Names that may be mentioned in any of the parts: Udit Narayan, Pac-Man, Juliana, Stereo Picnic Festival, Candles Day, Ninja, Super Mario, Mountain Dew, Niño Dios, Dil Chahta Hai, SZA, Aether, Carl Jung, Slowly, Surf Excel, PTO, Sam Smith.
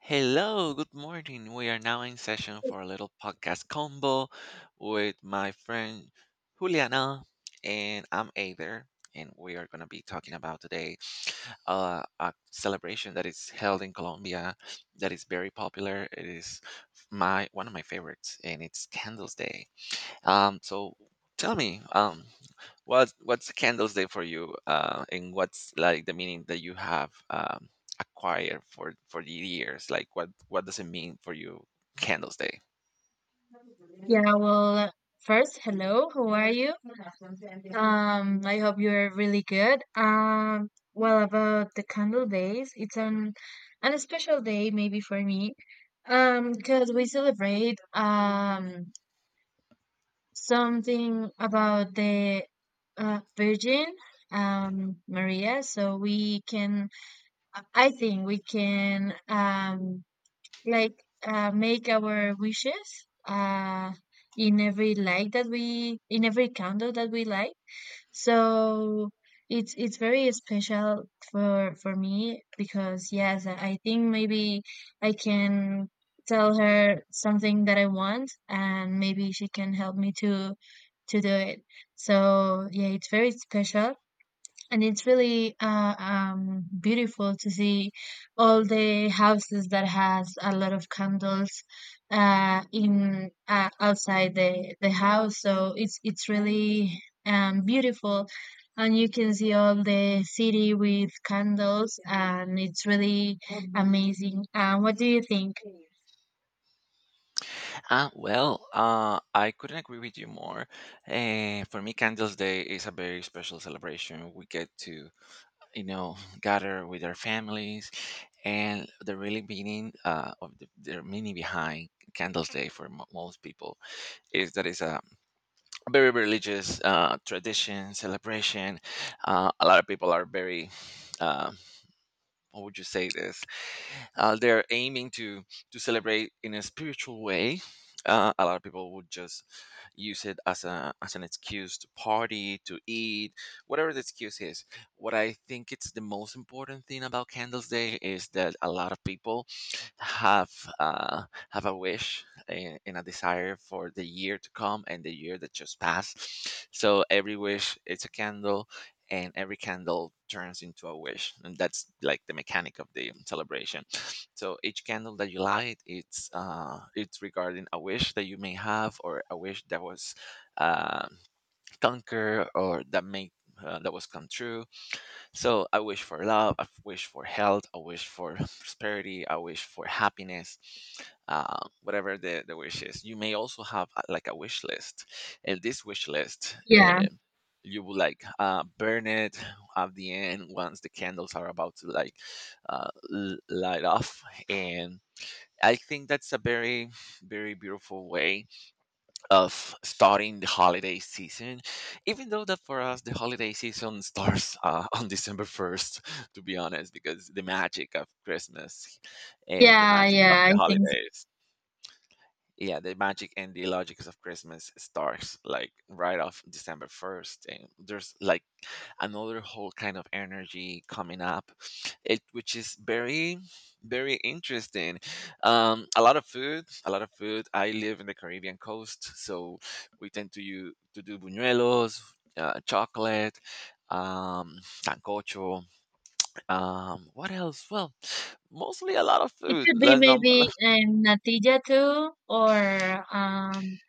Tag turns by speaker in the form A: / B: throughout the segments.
A: Hello, good morning. We are now in session for a little podcast combo with my friend Juliana, and I'm Aether, and we are going to be talking about today a celebration that is held in Colombia that is very popular. It is my one of my favorites, and it's Candles Day. So tell me, what's Candles Day for you, and what's like the meaning that you have acquired for the years? Like, what does it mean for you, Candles Day?
B: Yeah, well, first, hello, how are you? I hope you're really good. Well, about the candle days, it's an special day maybe for me. Because we celebrate something about the Virgin Maria, so we can I think we can like make our wishes in every light that we in every candle that we light. So it's very special for me because yes, I think maybe I can tell her something that I want and maybe she can help me to do it. So yeah, it's very special and it's really beautiful to see all the houses that has a lot of candles in outside the house. So it's really beautiful, and you can see all the city with candles, and it's really amazing. What do you think?
A: Ah, well, I couldn't agree with you more. For me, Candles Day is a very special celebration. We get to, gather with our families, and the really meaning of the meaning behind Candles Day for mo most people is that it's a very religious tradition celebration, a lot of people are very, uh, how would you say this? They're aiming to celebrate in a spiritual way. A lot of people would just use it as a as an excuse to party, to eat, whatever the excuse is. What I think it's the most important thing about Candles Day is that a lot of people have uh, have a wish, and a desire for the year to come and the year that just passed. So every wish, it's a candle, and every candle turns into a wish, and that's like the mechanic of the celebration, so each candle that you light, it's regarding a wish that you may have or a wish that was, uh, conquered, or that was come true. So I wish for love, I wish for health, I wish for prosperity, I wish for happiness, whatever the wish is. You may also have, like, a wish list. And this wish list,
B: Yeah,
A: you will like burn it at the end once the candles are about to, like, light off. And I think that's a very, very beautiful way of starting the holiday season, even though that for us the holiday season starts on December 1st, to be honest, because the magic of Christmas and the
B: yeah,
A: magic of
B: yeah. I
A: the
B: think so.
A: holidays, yeah, the magic and the logics of Christmas starts like right off December 1st, and there's like another whole kind of energy coming up it, which is very, very interesting. A lot of food, a lot of food. I live in the Caribbean coast, so we tend to do buñuelos, chocolate, um sancocho, what else? Well, mostly a lot of
B: It
A: food.
B: could be
A: Like,
B: maybe natilla too, or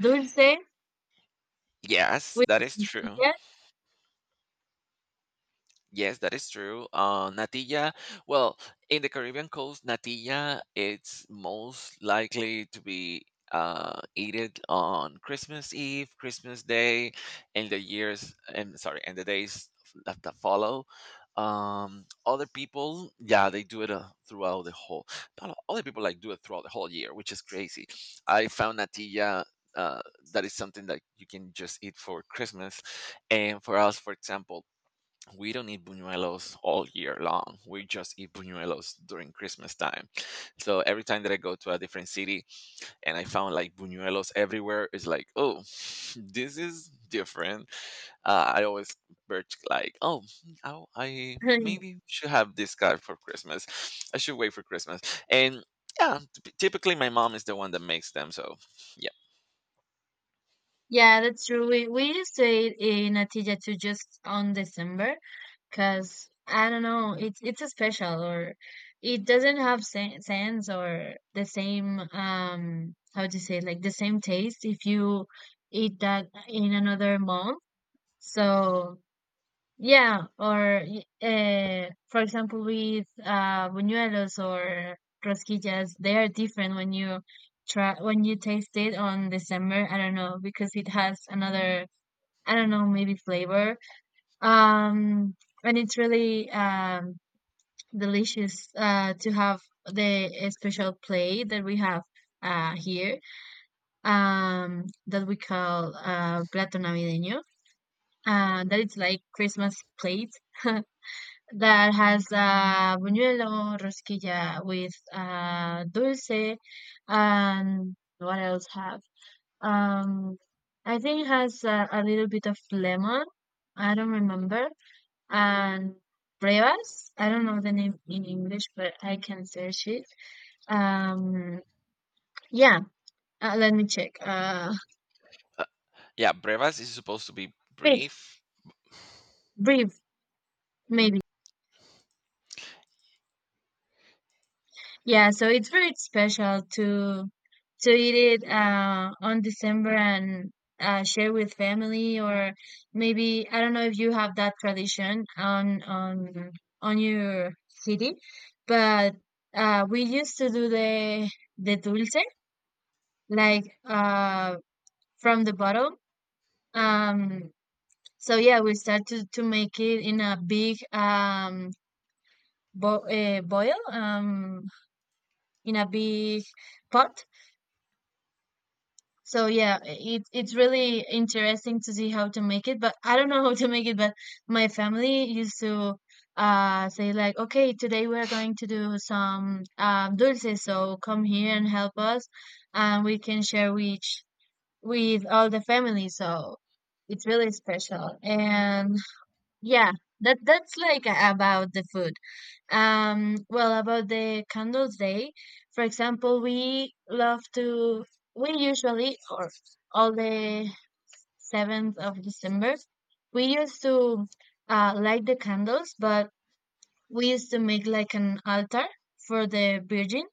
B: dulce.
A: yes,
B: We
A: that is true.
B: Natillas?
A: Yes, that is true. Natilla, well, in the Caribbean coast, natilla, it's most likely to be eaten on Christmas Eve, Christmas Day, and the years, and sorry, and the days that follow. Other people, yeah, they do it throughout the whole. Not all- Other people like do it throughout the whole year, which is crazy. I found natilla. Uh, that is something that you can just eat for Christmas, and for us, for example, we don't eat buñuelos all year long. We just eat buñuelos during Christmas time. So every time that I go to a different city and I found like buñuelos everywhere, it's like, oh, this is different. I always birch like, oh, I maybe should have this guy for Christmas. I should wait for Christmas. And yeah, typically my mom is the one that makes them. So yeah,
B: Yeah, that's true. We used to eat natilla too just on December because I don't know, it's a special or it doesn't have sense or the same how to say, like, the same taste if you eat that in another month. So yeah, or for example, with buñuelos or rosquillas, they are different when you try when you taste it on December. I don't know because it has another, I don't know, maybe flavor. Um, and it's really delicious to have the special plate that we have here that we call plato navideño. That it's like Christmas plate. That has buñuelo, rosquilla with dulce, and what else have? Um, I think it has a little bit of lemon. I don't remember. And brevas. I don't know the name in English, but I can search it. Um, yeah, let me check.
A: uh, yeah, brevas is supposed to be
B: Fix,
A: brief.
B: brief, maybe. Yeah, so it's very special to eat it on December and share with family, or maybe I don't know if you have that tradition on on your city, but we used to do the dulce like from the bottle. Um, so yeah, we started to make it in a big bo boil in a big pot. So yeah, it's really interesting to see how to make it, but I don't know how to make it, but my family used to say like, okay, today we're going to do some dulces, so come here and help us and we can share with all the family. So it's really special. And yeah, that's like about the food. Well, about the Candles Day, for example, we love to, we usually, or all the 7th of December, we used to light the candles, but we used to make like an altar for the Virgin,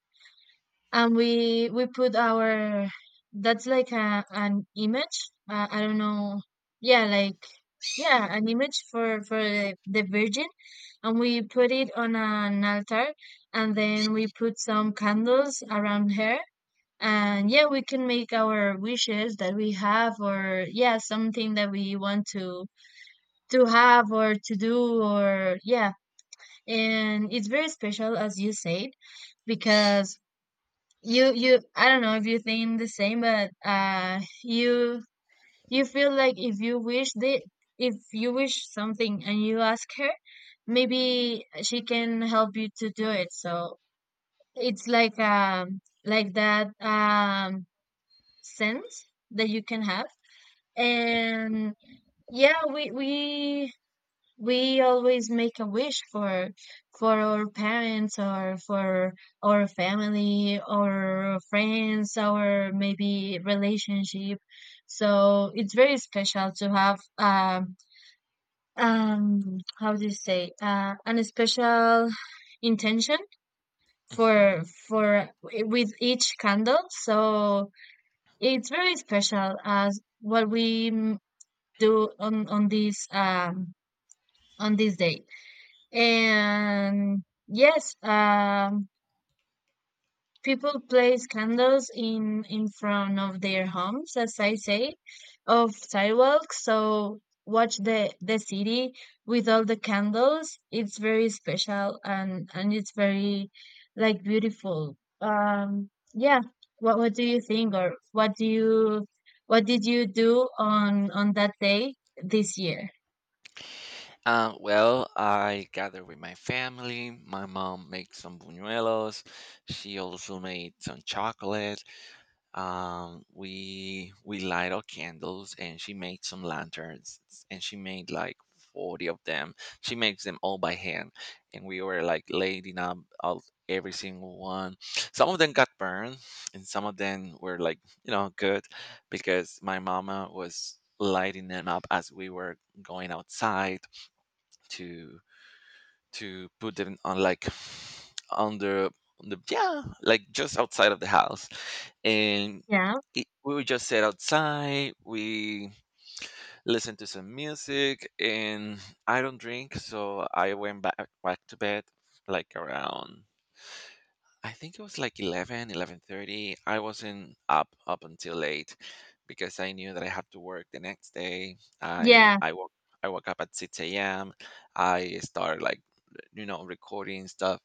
B: and we put our, that's like a an image, I don't know, yeah, like, yeah, an image for the Virgin, and we put it on an altar and then we put some candles around her, and yeah, we can make our wishes that we have, or yeah, something that we want to have or to do, or yeah. And it's very special as you said because you I don't know if you think the same, but you, you feel like if you wish the if you wish something and you ask her, maybe she can help you to do it. So it's like that sense that you can have. And yeah, we always make a wish for our parents or for our family or friends or maybe relationship. So it's very special to have how do you say, an special intention for
A: Mhm.
B: with each candle. So it's very special as what we do on this on this day. And yes, people place candles in front of their homes, as I say, of sidewalks. So watch the city with all the candles. It's very special and it's very like beautiful. Yeah. What do you think, or what do you, what did you do on that day this year?
A: Well, I gather with my family. My mom makes some buñuelos. She also made some chocolate. We light our candles, and she made some lanterns, and she made like 40 of them. She makes them all by hand, and we were like lighting up all, every single one. Some of them got burned, and some of them were like good, because my mama was lighting them up as we were going outside to put them on, like, under, on the, yeah, like, just outside of the house. And
B: Yeah,
A: we would just sit outside. We listened to some music, and I don't drink, so I went back to bed, like, around, I think it was like 11, 11:30. I wasn't up until late, because I knew that I had to work the next day. I
B: yeah,
A: I woke I woke up at 6 a.m. I started, like, recording stuff,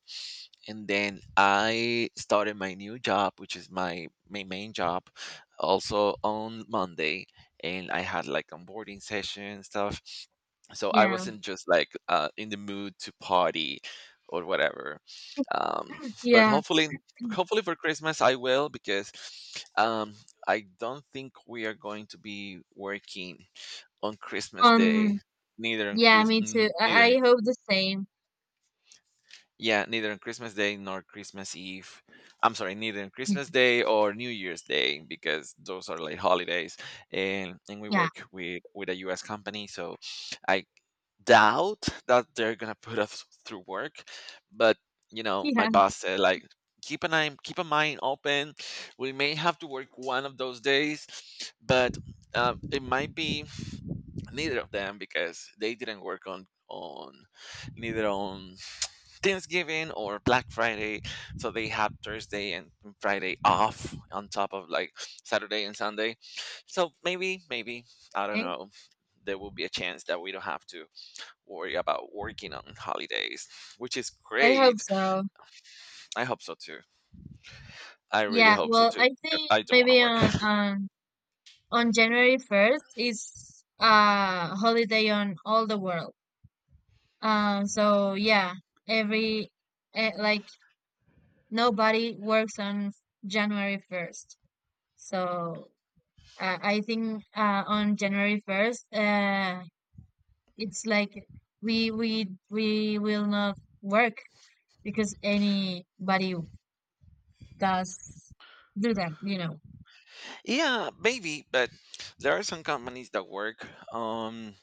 A: and then I started my new job, which is my main job, also on Monday, and I had like onboarding session stuff. So I
B: yeah,
A: wasn't just like, in the mood to party or whatever. Um, but
B: yeah.
A: hopefully, for Christmas I will, because um I don't think we are going to be working on Christmas Day.
B: On,
A: Neither on
B: yeah,
A: Chris,
B: me too.
A: n-
B: I,
A: neither
B: I hope the same.
A: Yeah, neither on Christmas Day nor Christmas Eve. I'm sorry, neither on
B: Yeah.
A: Christmas Day or New Year's Day, because those are like holidays, and we work with a US company, so I doubt that they're gonna put us through work. But, my
B: Yeah.
A: boss said, like, keep an eye, keep a mind open, we may have to work one of those days. But it might be neither of them, because they didn't work on neither on Thanksgiving or Black Friday, so they had Thursday and Friday off on top of like Saturday and Sunday. So maybe, I don't
B: Okay.
A: know. There will be a chance that we don't have to worry about working on holidays, which is
B: I hope
A: great.
B: so.
A: I hope so too. I really
B: Yeah,
A: hope so
B: well,
A: too,
B: I
A: because
B: think
A: I don't want to
B: maybe
A: work.
B: on on January 1st is a holiday on all the world. So yeah, every like, nobody works on January 1st. So I think on January 1st, it's like we will not work because anybody does do that, you know.
A: Yeah, maybe, but there are some companies that work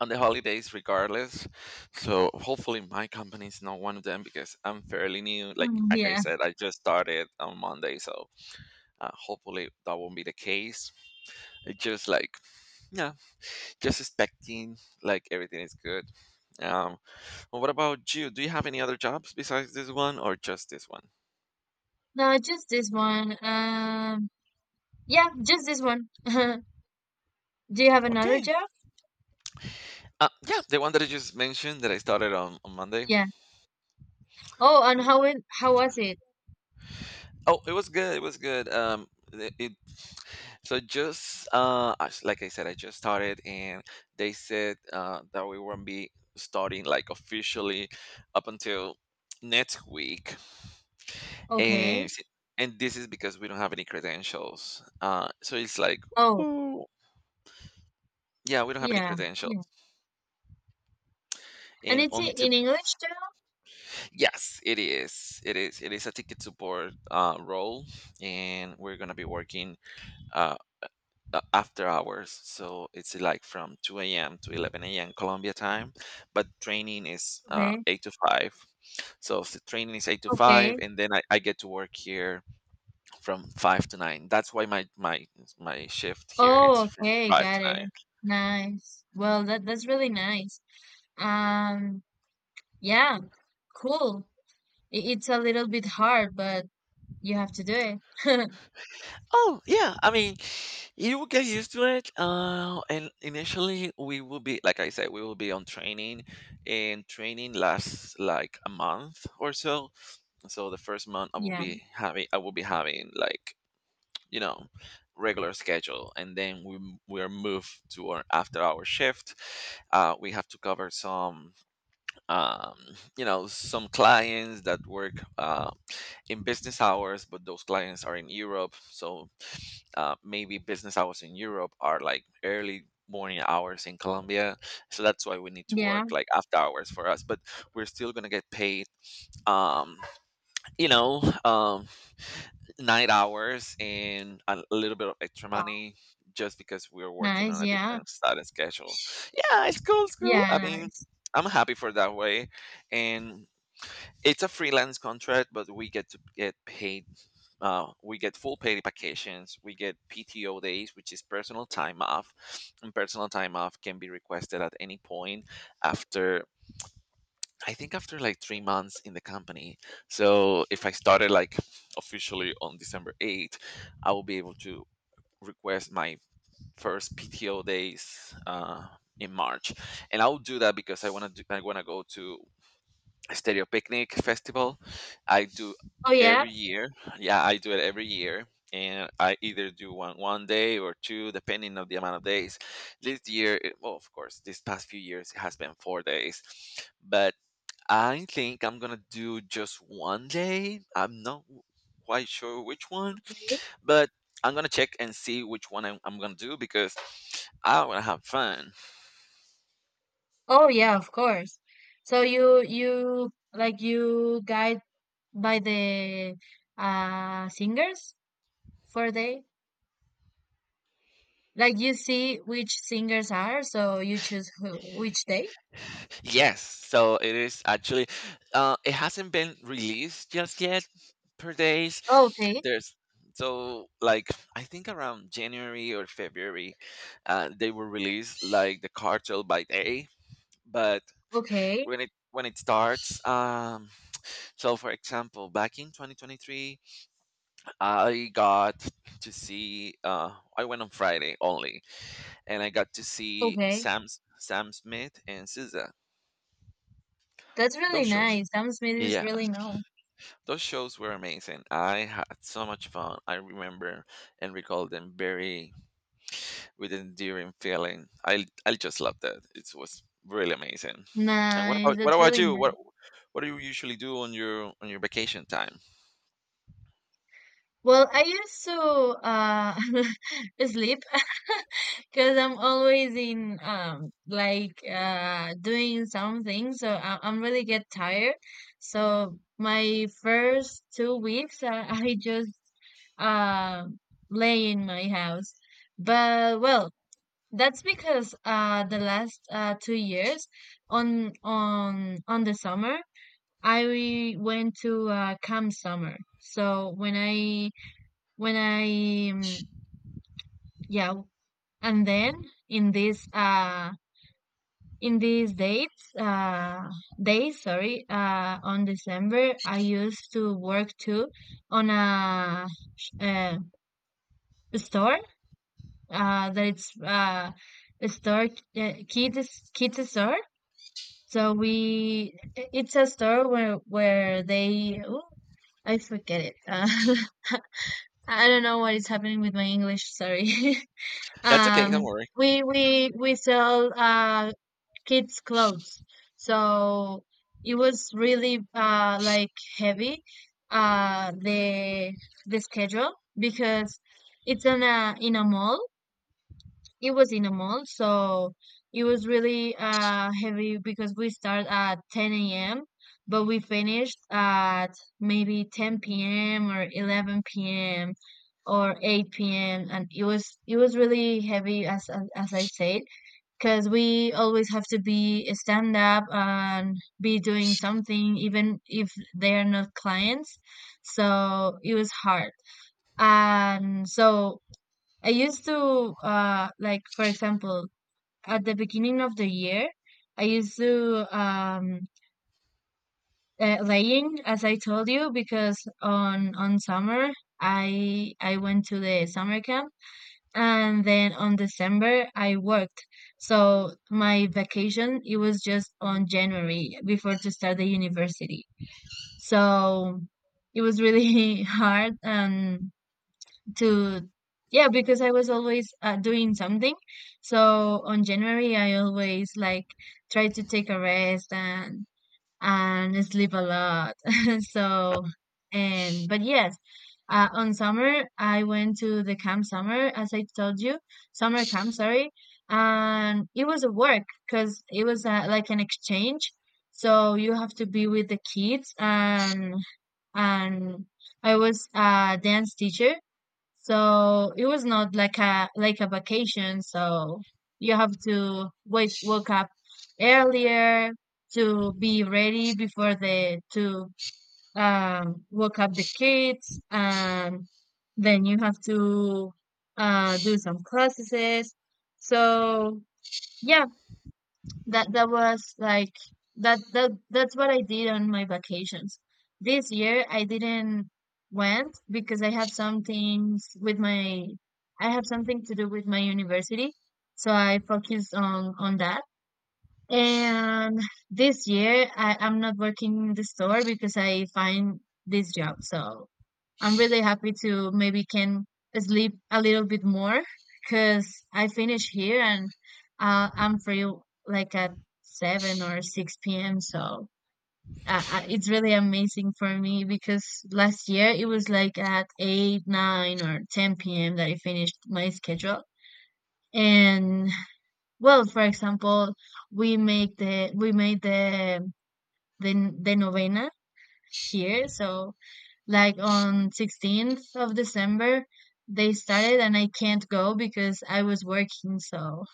A: on the holidays regardless. So hopefully my company is not one of them, because I'm fairly new. Like
B: Mm,
A: like I
B: yeah.
A: said, I just started on Monday, so hopefully that won't be the case. It's just like, yeah, just expecting, like, everything is good. Um, Well, what about you? Do you have any other jobs besides this one or just this one?
B: No, just this one. Yeah, just this one. Do you have another
A: Okay.
B: job?
A: Yeah, the one that I just mentioned that I started on Monday.
B: Yeah. Oh, and
A: And,
B: how it, how was it?
A: oh, it was good. It was good. It, it- so just like I said, I just started, and they said that we won't be starting like officially up until next week, and
B: Okay.
A: s- and this is because we don't have any credentials. So it's like,
B: Oh,
A: oh, yeah, we don't have any
B: yeah,
A: credentials,
B: yeah. And
A: and
B: it's
A: until
B: in English too?
A: yes, it is. It is. It is a ticket support role, and we're gonna be working uh, after hours. So it's like from 2 a.m. to 11 a.m. Colombia time, but training is
B: Okay.
A: eight to five. So if the training is eight to five,
B: Okay.
A: and then I get to work here from five to nine. That's why my shift here it's
B: Oh,
A: from
B: okay,
A: five to
B: got
A: nine.
B: it. Nice. Well, that's really nice. Um, yeah, cool. I- It's a little bit hard, but you have to do it.
A: Oh, yeah. I mean, you will get used to it. And initially, we will be, like I said, we will be on training, and training lasts like a month or so. So the first month, I will
B: Yeah.
A: be having, I will be having like, you know, regular schedule, and then we are moved to our after hour shift. We have to cover some um, some clients that work in business hours, but those clients are in Europe, so maybe business hours in Europe are like early morning hours in Colombia, so that's why we need to
B: Yeah.
A: work like after hours for us. But we're still gonna get paid, um you know, night hours and a little bit of extra
B: Wow.
A: money, just because we're working
B: Nice.
A: on a
B: Yeah.
A: different started schedule. Yeah, it's cool, it's cool.
B: Yeah,
A: I mean,
B: nice.
A: I'm happy for that way. And it's a freelance contract, but we get to get paid. We get full paid vacations. We get PTO days, which is personal time off, and personal time off can be requested at any point, after I think after like 3 months in the company. So if I started like officially on December 8th, I will be able to request my first PTO days in March, and I'll do that because I want to. I want to go to Stereo Picnic Festival. I do
B: Oh yeah,
A: every year. Yeah, I do it every year. And I either do one day or two, depending on the amount of days. This year, well, of course, these past few years it has been 4 days, but I think I'm gonna do just one day. I'm not quite sure which one,
B: really?
A: but I'm gonna check and see which one I'm gonna do, because I wanna have fun.
B: Oh yeah, of course. So you like you guide by the singers for day? Like, you see which singers are, so you choose who which day?
A: Yes, so it is actually it hasn't been released just yet per days.
B: Oh,
A: There's so, I think around January or February, they will release like the cartel by day. But
B: okay,
A: when it starts, so for example, back in 2023, I got to see. I went on Friday only, and I got to see
B: okay.
A: Sam Smith and SZA.
B: That's really
A: Those shows,
B: nice. Sam Smith is
A: yeah,
B: really no.
A: those shows were amazing. I had so much fun. I remember and recall them very with endearing feeling. I just love that. It was really amazing. And what
B: Nice.
A: about what
B: That's
A: about
B: really
A: you?
B: nice.
A: What do you usually do on your vacation time?
B: Well, I used to uh sleep because I'm always in like doing something, so I'm really get tired. So my first 2 weeks, I just uh lay in my house. But well, that's because the last 2 years on on the summer, I went to camp summer. So when I yeah, and then in this in these dates days, sorry, on December I used to work too on a sh- uh, store that it's a store, kids store, so we, it's a store where they, oh, I forget it, I don't know what is happening with my English, sorry.
A: That's okay. Don't
B: Um,
A: worry.
B: we sell kids clothes, so it was really like heavy the schedule because it's in a mall, it was in a mall, so it was really heavy because we start at 10 a.m. but we finished at maybe 10 p.m. or 11 p.m. or 8 p.m., and it was really heavy as as I said because we always have to be stand up and be doing something even if they are not clients. So it was hard. And so I used to like for example at the beginning of the year I used to laying as I told you because on summer I went to the summer camp, and then on December I worked, so my vacation it was just on January before to start the university. So it was really hard and to, yeah, because I was always doing something. So on January I always like try to take a rest and sleep a lot so but yes, on summer I went to the camp summer as I told you, summer camp, sorry. And it was a work because it was like an exchange, so you have to be with the kids and and I was a dance teacher, so it was not like a vacation. So you have to wake up earlier to be ready before the to wake up the kids, and then you have to do some processes. So yeah, that that was like that's what I did on my vacations. This year I didn't went because I have some things with my, I have something to do with my university, so I focused on that. And this year I'm not working in the store because I find this job. So I'm really happy to maybe can sleep a little bit more because I finish here and I'm free like at 7 or 6 p.m. So it's really amazing for me because last year it was like at 8, 9 or 10 p.m. that I finished my schedule. And well, for example, we made the novena here. So like on 16th of December they started and I can't go because I was working, so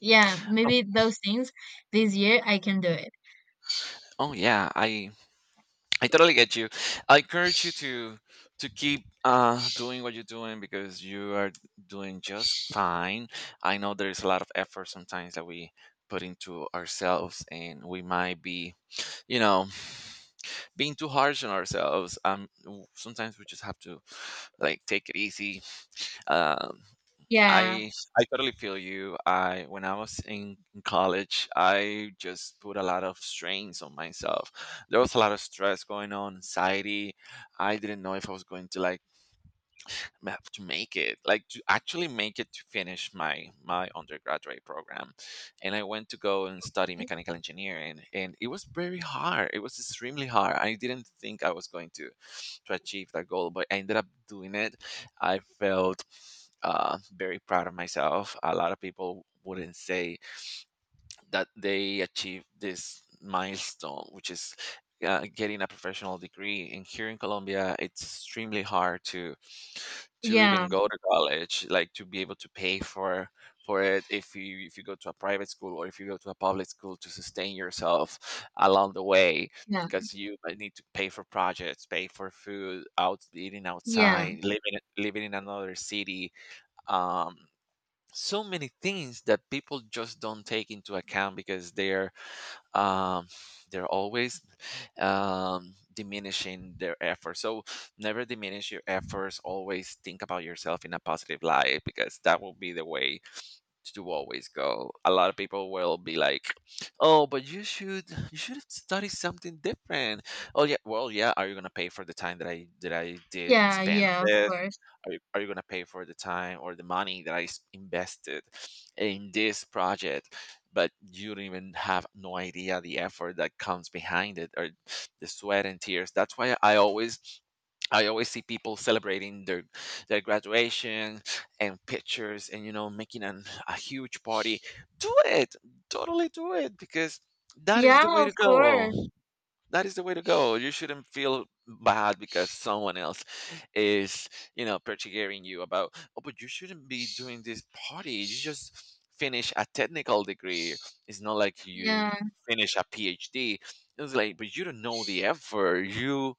B: yeah, maybe those things this year I can do it.
A: Oh yeah, I totally get you. I encourage you to keep doing what you're doing because you are doing just fine. I know there is a lot of effort sometimes that we put into ourselves, and we might be you know being too harsh on ourselves, sometimes we just have to like take it easy. Um,
B: Yeah,
A: I I totally feel you. I when I was in college, I just put a lot of strains on myself. There was a lot of stress going on, anxiety. I didn't know if I was going to like to make it, like to actually make it to finish my my undergraduate program. And I went to go and study mechanical engineering, and it was very hard. It was extremely hard. I didn't think I was going to achieve that goal, but I ended up doing it. I felt very proud of myself. A lot of people wouldn't say that they achieved this milestone, which is getting a professional degree. And here in Colombia, it's extremely hard to
B: yeah,
A: even go to college, like to be able to pay for it. If you go to a private school, or if you go to a public school, to sustain yourself along the way,
B: yeah,
A: because you might need to pay for projects, pay for food, out eating
B: yeah,
A: outside, living in another city. Um, so many things that people just don't take into account because um, they're always diminishing their efforts. So never diminish your efforts. Always think about yourself in a positive light, because that will be the way to always go. A lot of people will be like, "Oh, but you should study something different." Oh yeah, well yeah. Are you gonna pay for the time that I did
B: yeah,
A: spend on
B: yeah, of
A: this?
B: course.
A: Are you going to pay for the time or the money that I invested in this project? But you don't even have no idea the effort that comes behind it, or the sweat and tears. That's why I always I always see people celebrating their graduation and pictures, and you know making a huge party. Do it, totally do it, because that is the
B: Yeah,
A: way
B: of
A: to go.
B: course.
A: That is the way to go. You shouldn't feel bad because someone else is, you know, persecuting you about, oh, but you shouldn't be doing this party. You just finish a technical degree. It's not like
B: Yeah,
A: you finish a PhD. It's like, but you don't know the effort. You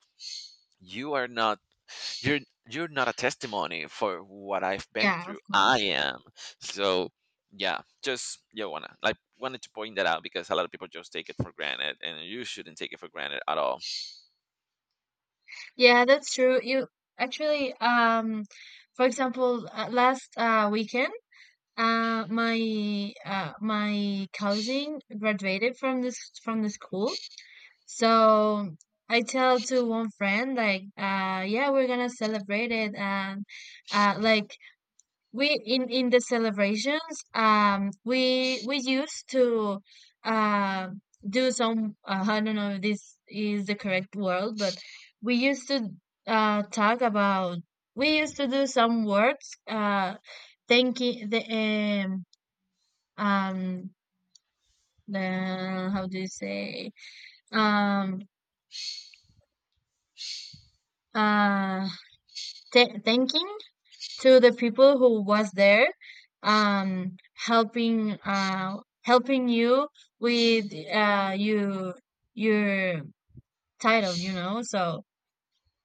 A: you are not you're you're not a testimony for what I've been
B: yeah, of
A: through. I
B: course.
A: am. So yeah, just you wanna like wanted to point that out because a lot of people just take it for granted, and you shouldn't take it for granted at all.
B: Yeah, that's true. You actually, for example, last weekend my my cousin graduated from this from the school. So I tell to one friend like, yeah, we're gonna celebrate it, and uh, like we in the celebrations, we used to uh do some, I don't know if this is the correct word, but we used to talk about, we used to do some words thanking the um um the, how do you say, um uh thanking to the people who was there helping, helping you with you your title, you know. So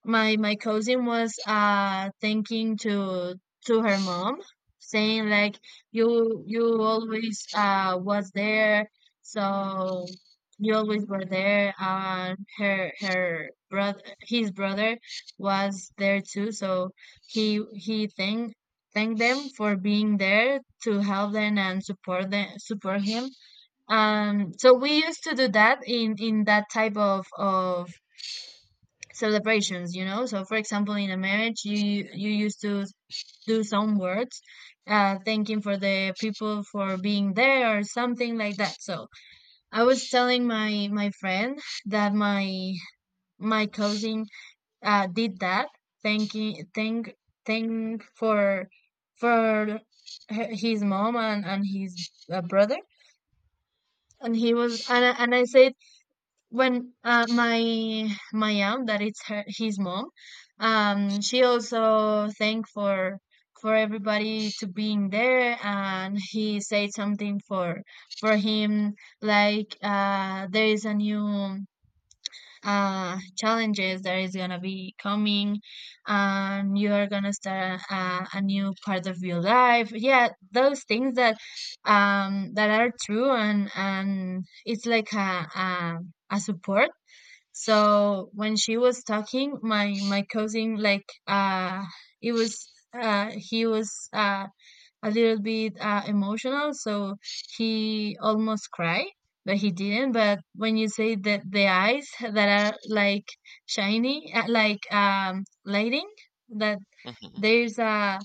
B: my cousin was thinking to her mom, saying like, you always was there, so you always were there. And her brother, his brother was there too, so he thank thank them for being there to help them and support them, support him. So we used to do that in that type of celebrations, you know. So for example in a marriage you, you used to do some words thanking for the people for being there or something like that. So I was telling my friend that my cousin did that, thanking thank thank for his mom and his, brother. And he was and I said when, my aunt that it's her his mom, she also thanked for everybody to being there, and he said something for him, like there is a new challenges that is gonna be coming and you are gonna start a new part of your life. Yeah, those things that that are true, and it's like a a support. So when she was talking, my cousin like, it was, he was a little bit emotional, so he almost cried, but he didn't. But when you say that, the eyes that are like shiny, like lighting, that
A: Hmm.
B: there's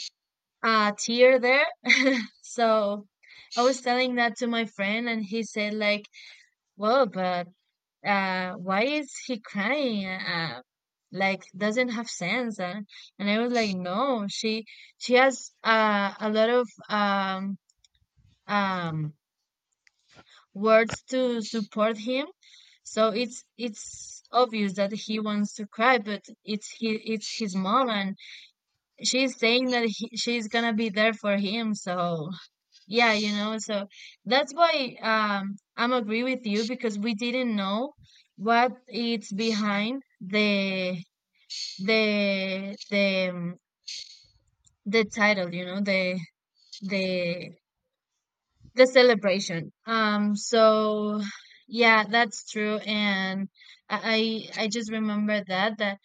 B: a tear there. So I was telling that to my friend, and he said like, "Well, but why is he crying, like doesn't have sense?" And I was like, no, she has a lot of um words to support him, so it's obvious that he wants to cry, but it's he, it's his mom, and she's saying that she's gonna be there for him. So yeah, you know. So that's why I'm agree with you, because we didn't know what it's behind the the the um, the title, you know, the the the celebration. So yeah, that's true. And I just remember that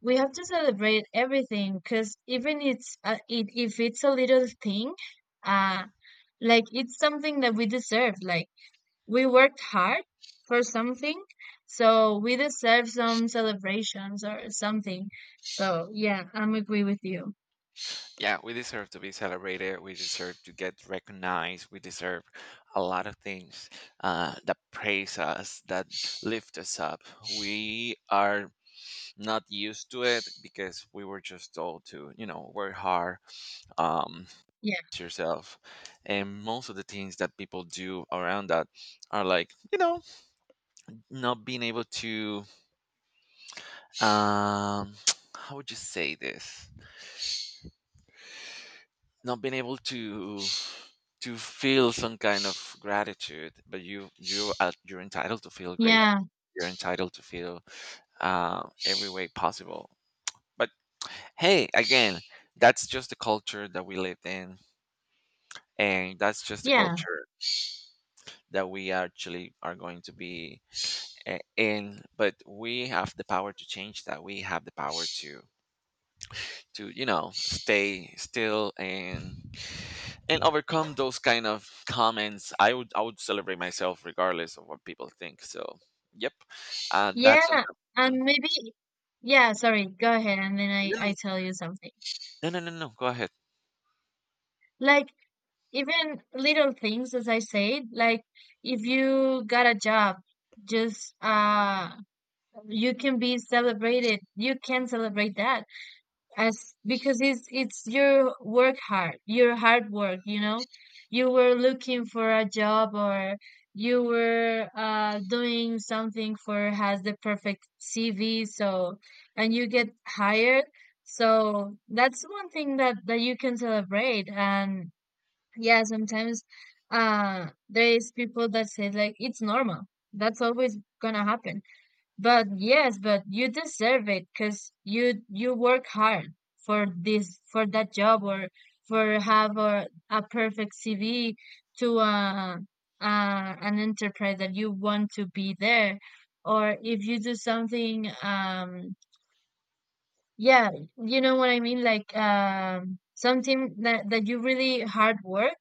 B: we have to celebrate everything, because even it's if it's a little thing, uh like it's something that we deserve. Like we worked hard for something, so we deserve some celebrations or something. So yeah, I'm agree with you.
A: Yeah, we deserve to be celebrated. We deserve to get recognized. We deserve a lot of things that praise us, that lift us up. We are not used to it because we were just told to, you know, work hard, um,
B: Yeah,
A: to yourself. And most of the things that people do around that are like, you know, not being able to, um, how would you say this? Not being able to feel some kind of gratitude. But you are you're entitled to feel great,
B: yeah,
A: you're entitled to feel every way possible. But hey, again, that's just the culture that we lived in, and that's just the
B: yeah,
A: culture that we actually are going to be in. But we have the power to change that. We have the power to you know stay still and overcome those kind of comments. I would celebrate myself regardless of what people think. So yep, that's an
B: yeah. And
A: option.
B: maybe, yeah, sorry, go ahead, and then
A: no
B: I tell you something.
A: no No, go ahead.
B: Like even little things, as I said, like if you got a job, just you can be celebrated. You can celebrate that, as because it's your work hard, your hard work, you know. You were looking for a job, or you were doing something for has the perfect cv, so and you get hired. So that's one thing that you can celebrate. And yeah, sometimes there is people that say like it's normal, that's always gonna happen. But yes, but you deserve it because you work hard for this, for that job, or for have a perfect CV to an enterprise that you want to be there. Or if you do something, yeah, you know what I mean, like something that you really hard work,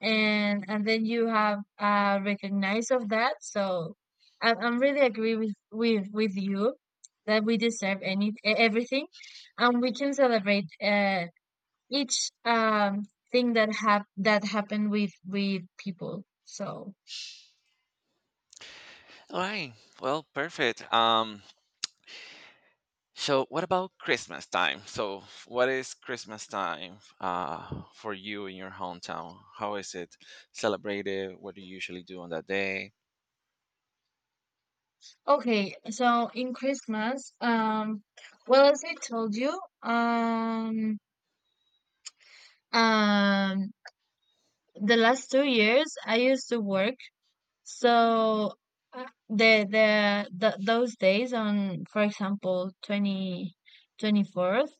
B: and then you have recognized of that. So I'm really agree with you, that we deserve any everything, and we can celebrate each thing that happened with people. So
A: All right, well, perfect. So what about Christmas time? So what is Christmas time for you in your hometown? How is it celebrated? What do you usually do on that day?
B: okay, so in christmas, well, as I told you, um the last 2 years I used to work. So the those days, on, for example, twenty twenty fourth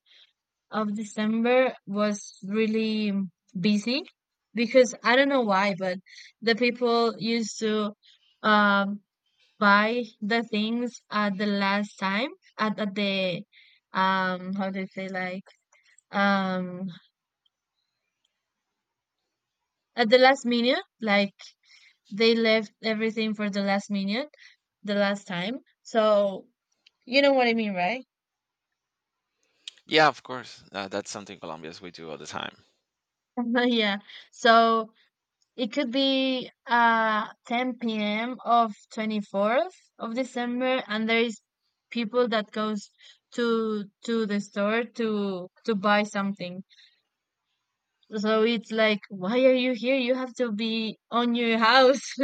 B: of December was really busy, because I don't know why, but the people used to um buy the things at the last time, at the, how do you say, like, um at the last minute. Like they left everything for the last minute, the last time. So you know what I mean, right?
A: Yeah, of course, that's something Colombians we do all the time.
B: Yeah. So it could be 10 p.m. of 24th of December and there is people that goes to the store to buy something. So it's like, why are you here? You have to be on your house.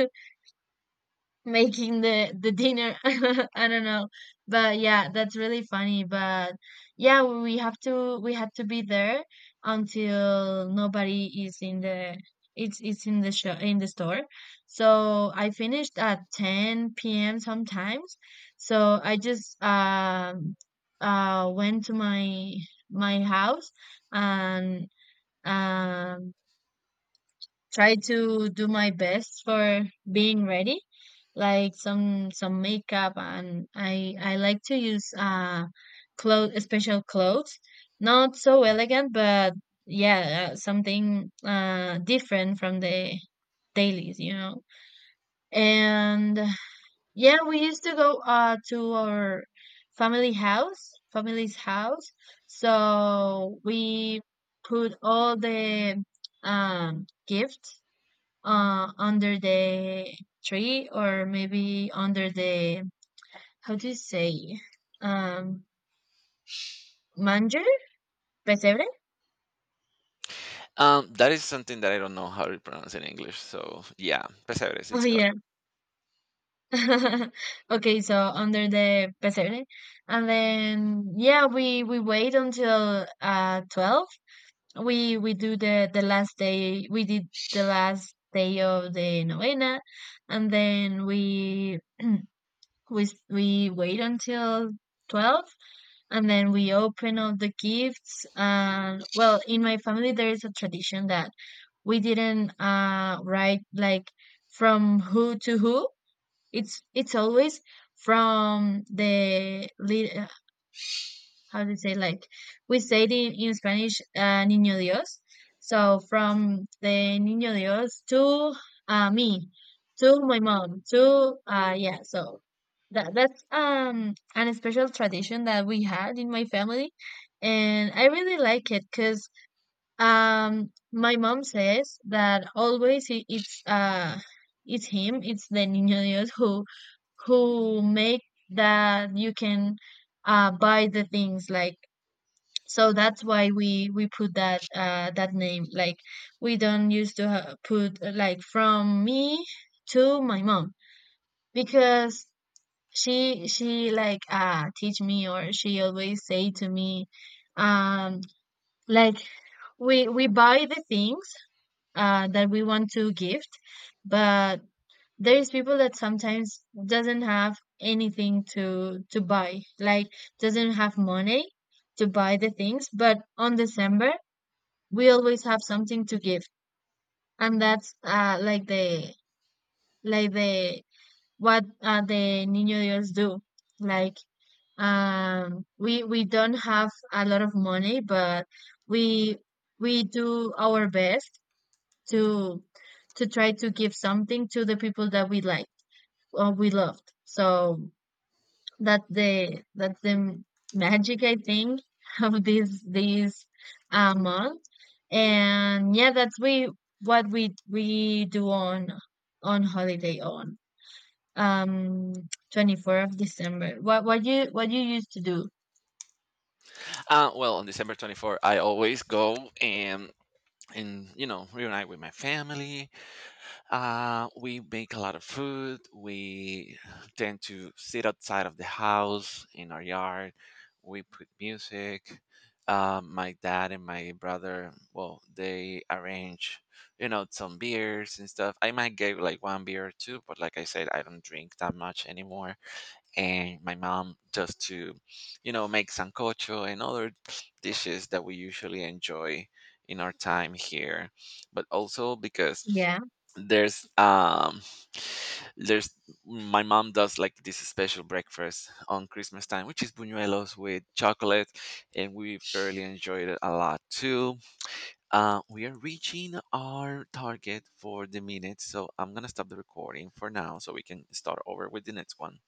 B: Making the dinner. I don't know, but yeah, that's really funny. But yeah, we had to be there until nobody is in the, it's in the show, in the store. So I finished at 10 p.m. sometimes. So I just went to my house, and um try to do my best for being ready, like some makeup, and I like to use clothes, special clothes, not so elegant, but yeah, something different from the dailies, you know. And yeah, we used to go to our family's house. So we put all the gifts under the tree, or maybe under the, how do you say, um manger, pesebre.
A: Um, that is something that I don't know how to pronounce in English. So yeah, pesebres,
B: Oh
A: it's good.
B: yeah. Okay, so under the pesebre, and then yeah, we wait until 12. We do the last day, we did the last day of the novena, and then we wait until 12, and then we open all the gifts. And well, in my family there is a tradition that we didn't write like from who to who. It's always from the lead, how do you say, like, we say it in Spanish, Niño Dios. So from the Niño Dios to, me, to my mom, to, yeah. So that's an special tradition that we had in my family, and I really like it because my mom says that always it's him, it's the Niño Dios who make that you can buy the things, like. So that's why we put that that name, like, we don't used to put like from me to my mom, because she like teach me, or she always say to me, um like, we buy the things that we want to gift, but there's people that sometimes doesn't have anything to buy, like doesn't have money to buy the things, but on december we always have something to give. And that's like the, like the what, the niño dios do, like we don't have a lot of money, but we we do our best to to try to give something to the people that we like or we loved. So that's the, that's the magic, I think, of this, this month. And yeah, that's we what we do on holiday, on um 24th of December. What, what you used to do?
A: Well, on December 24th, I always go and you know reunite with my family. We make a lot of food. We tend to sit outside of the house in our yard. We put music. My dad and my brother, well, they arrange, you know, some beers and stuff. I might get like one beer or two, but like I said, I don't drink that much anymore. And my mom just to you know make sancocho and other dishes that we usually enjoy in our time here. But also because
B: Yeah.
A: there's um there's my mom does like this special breakfast on Christmas time, which is buñuelos with chocolate, and we fairly enjoyed it a lot too. Uh, we are reaching our target for the minute, so I'm gonna stop the recording for now so we can start over with the next one.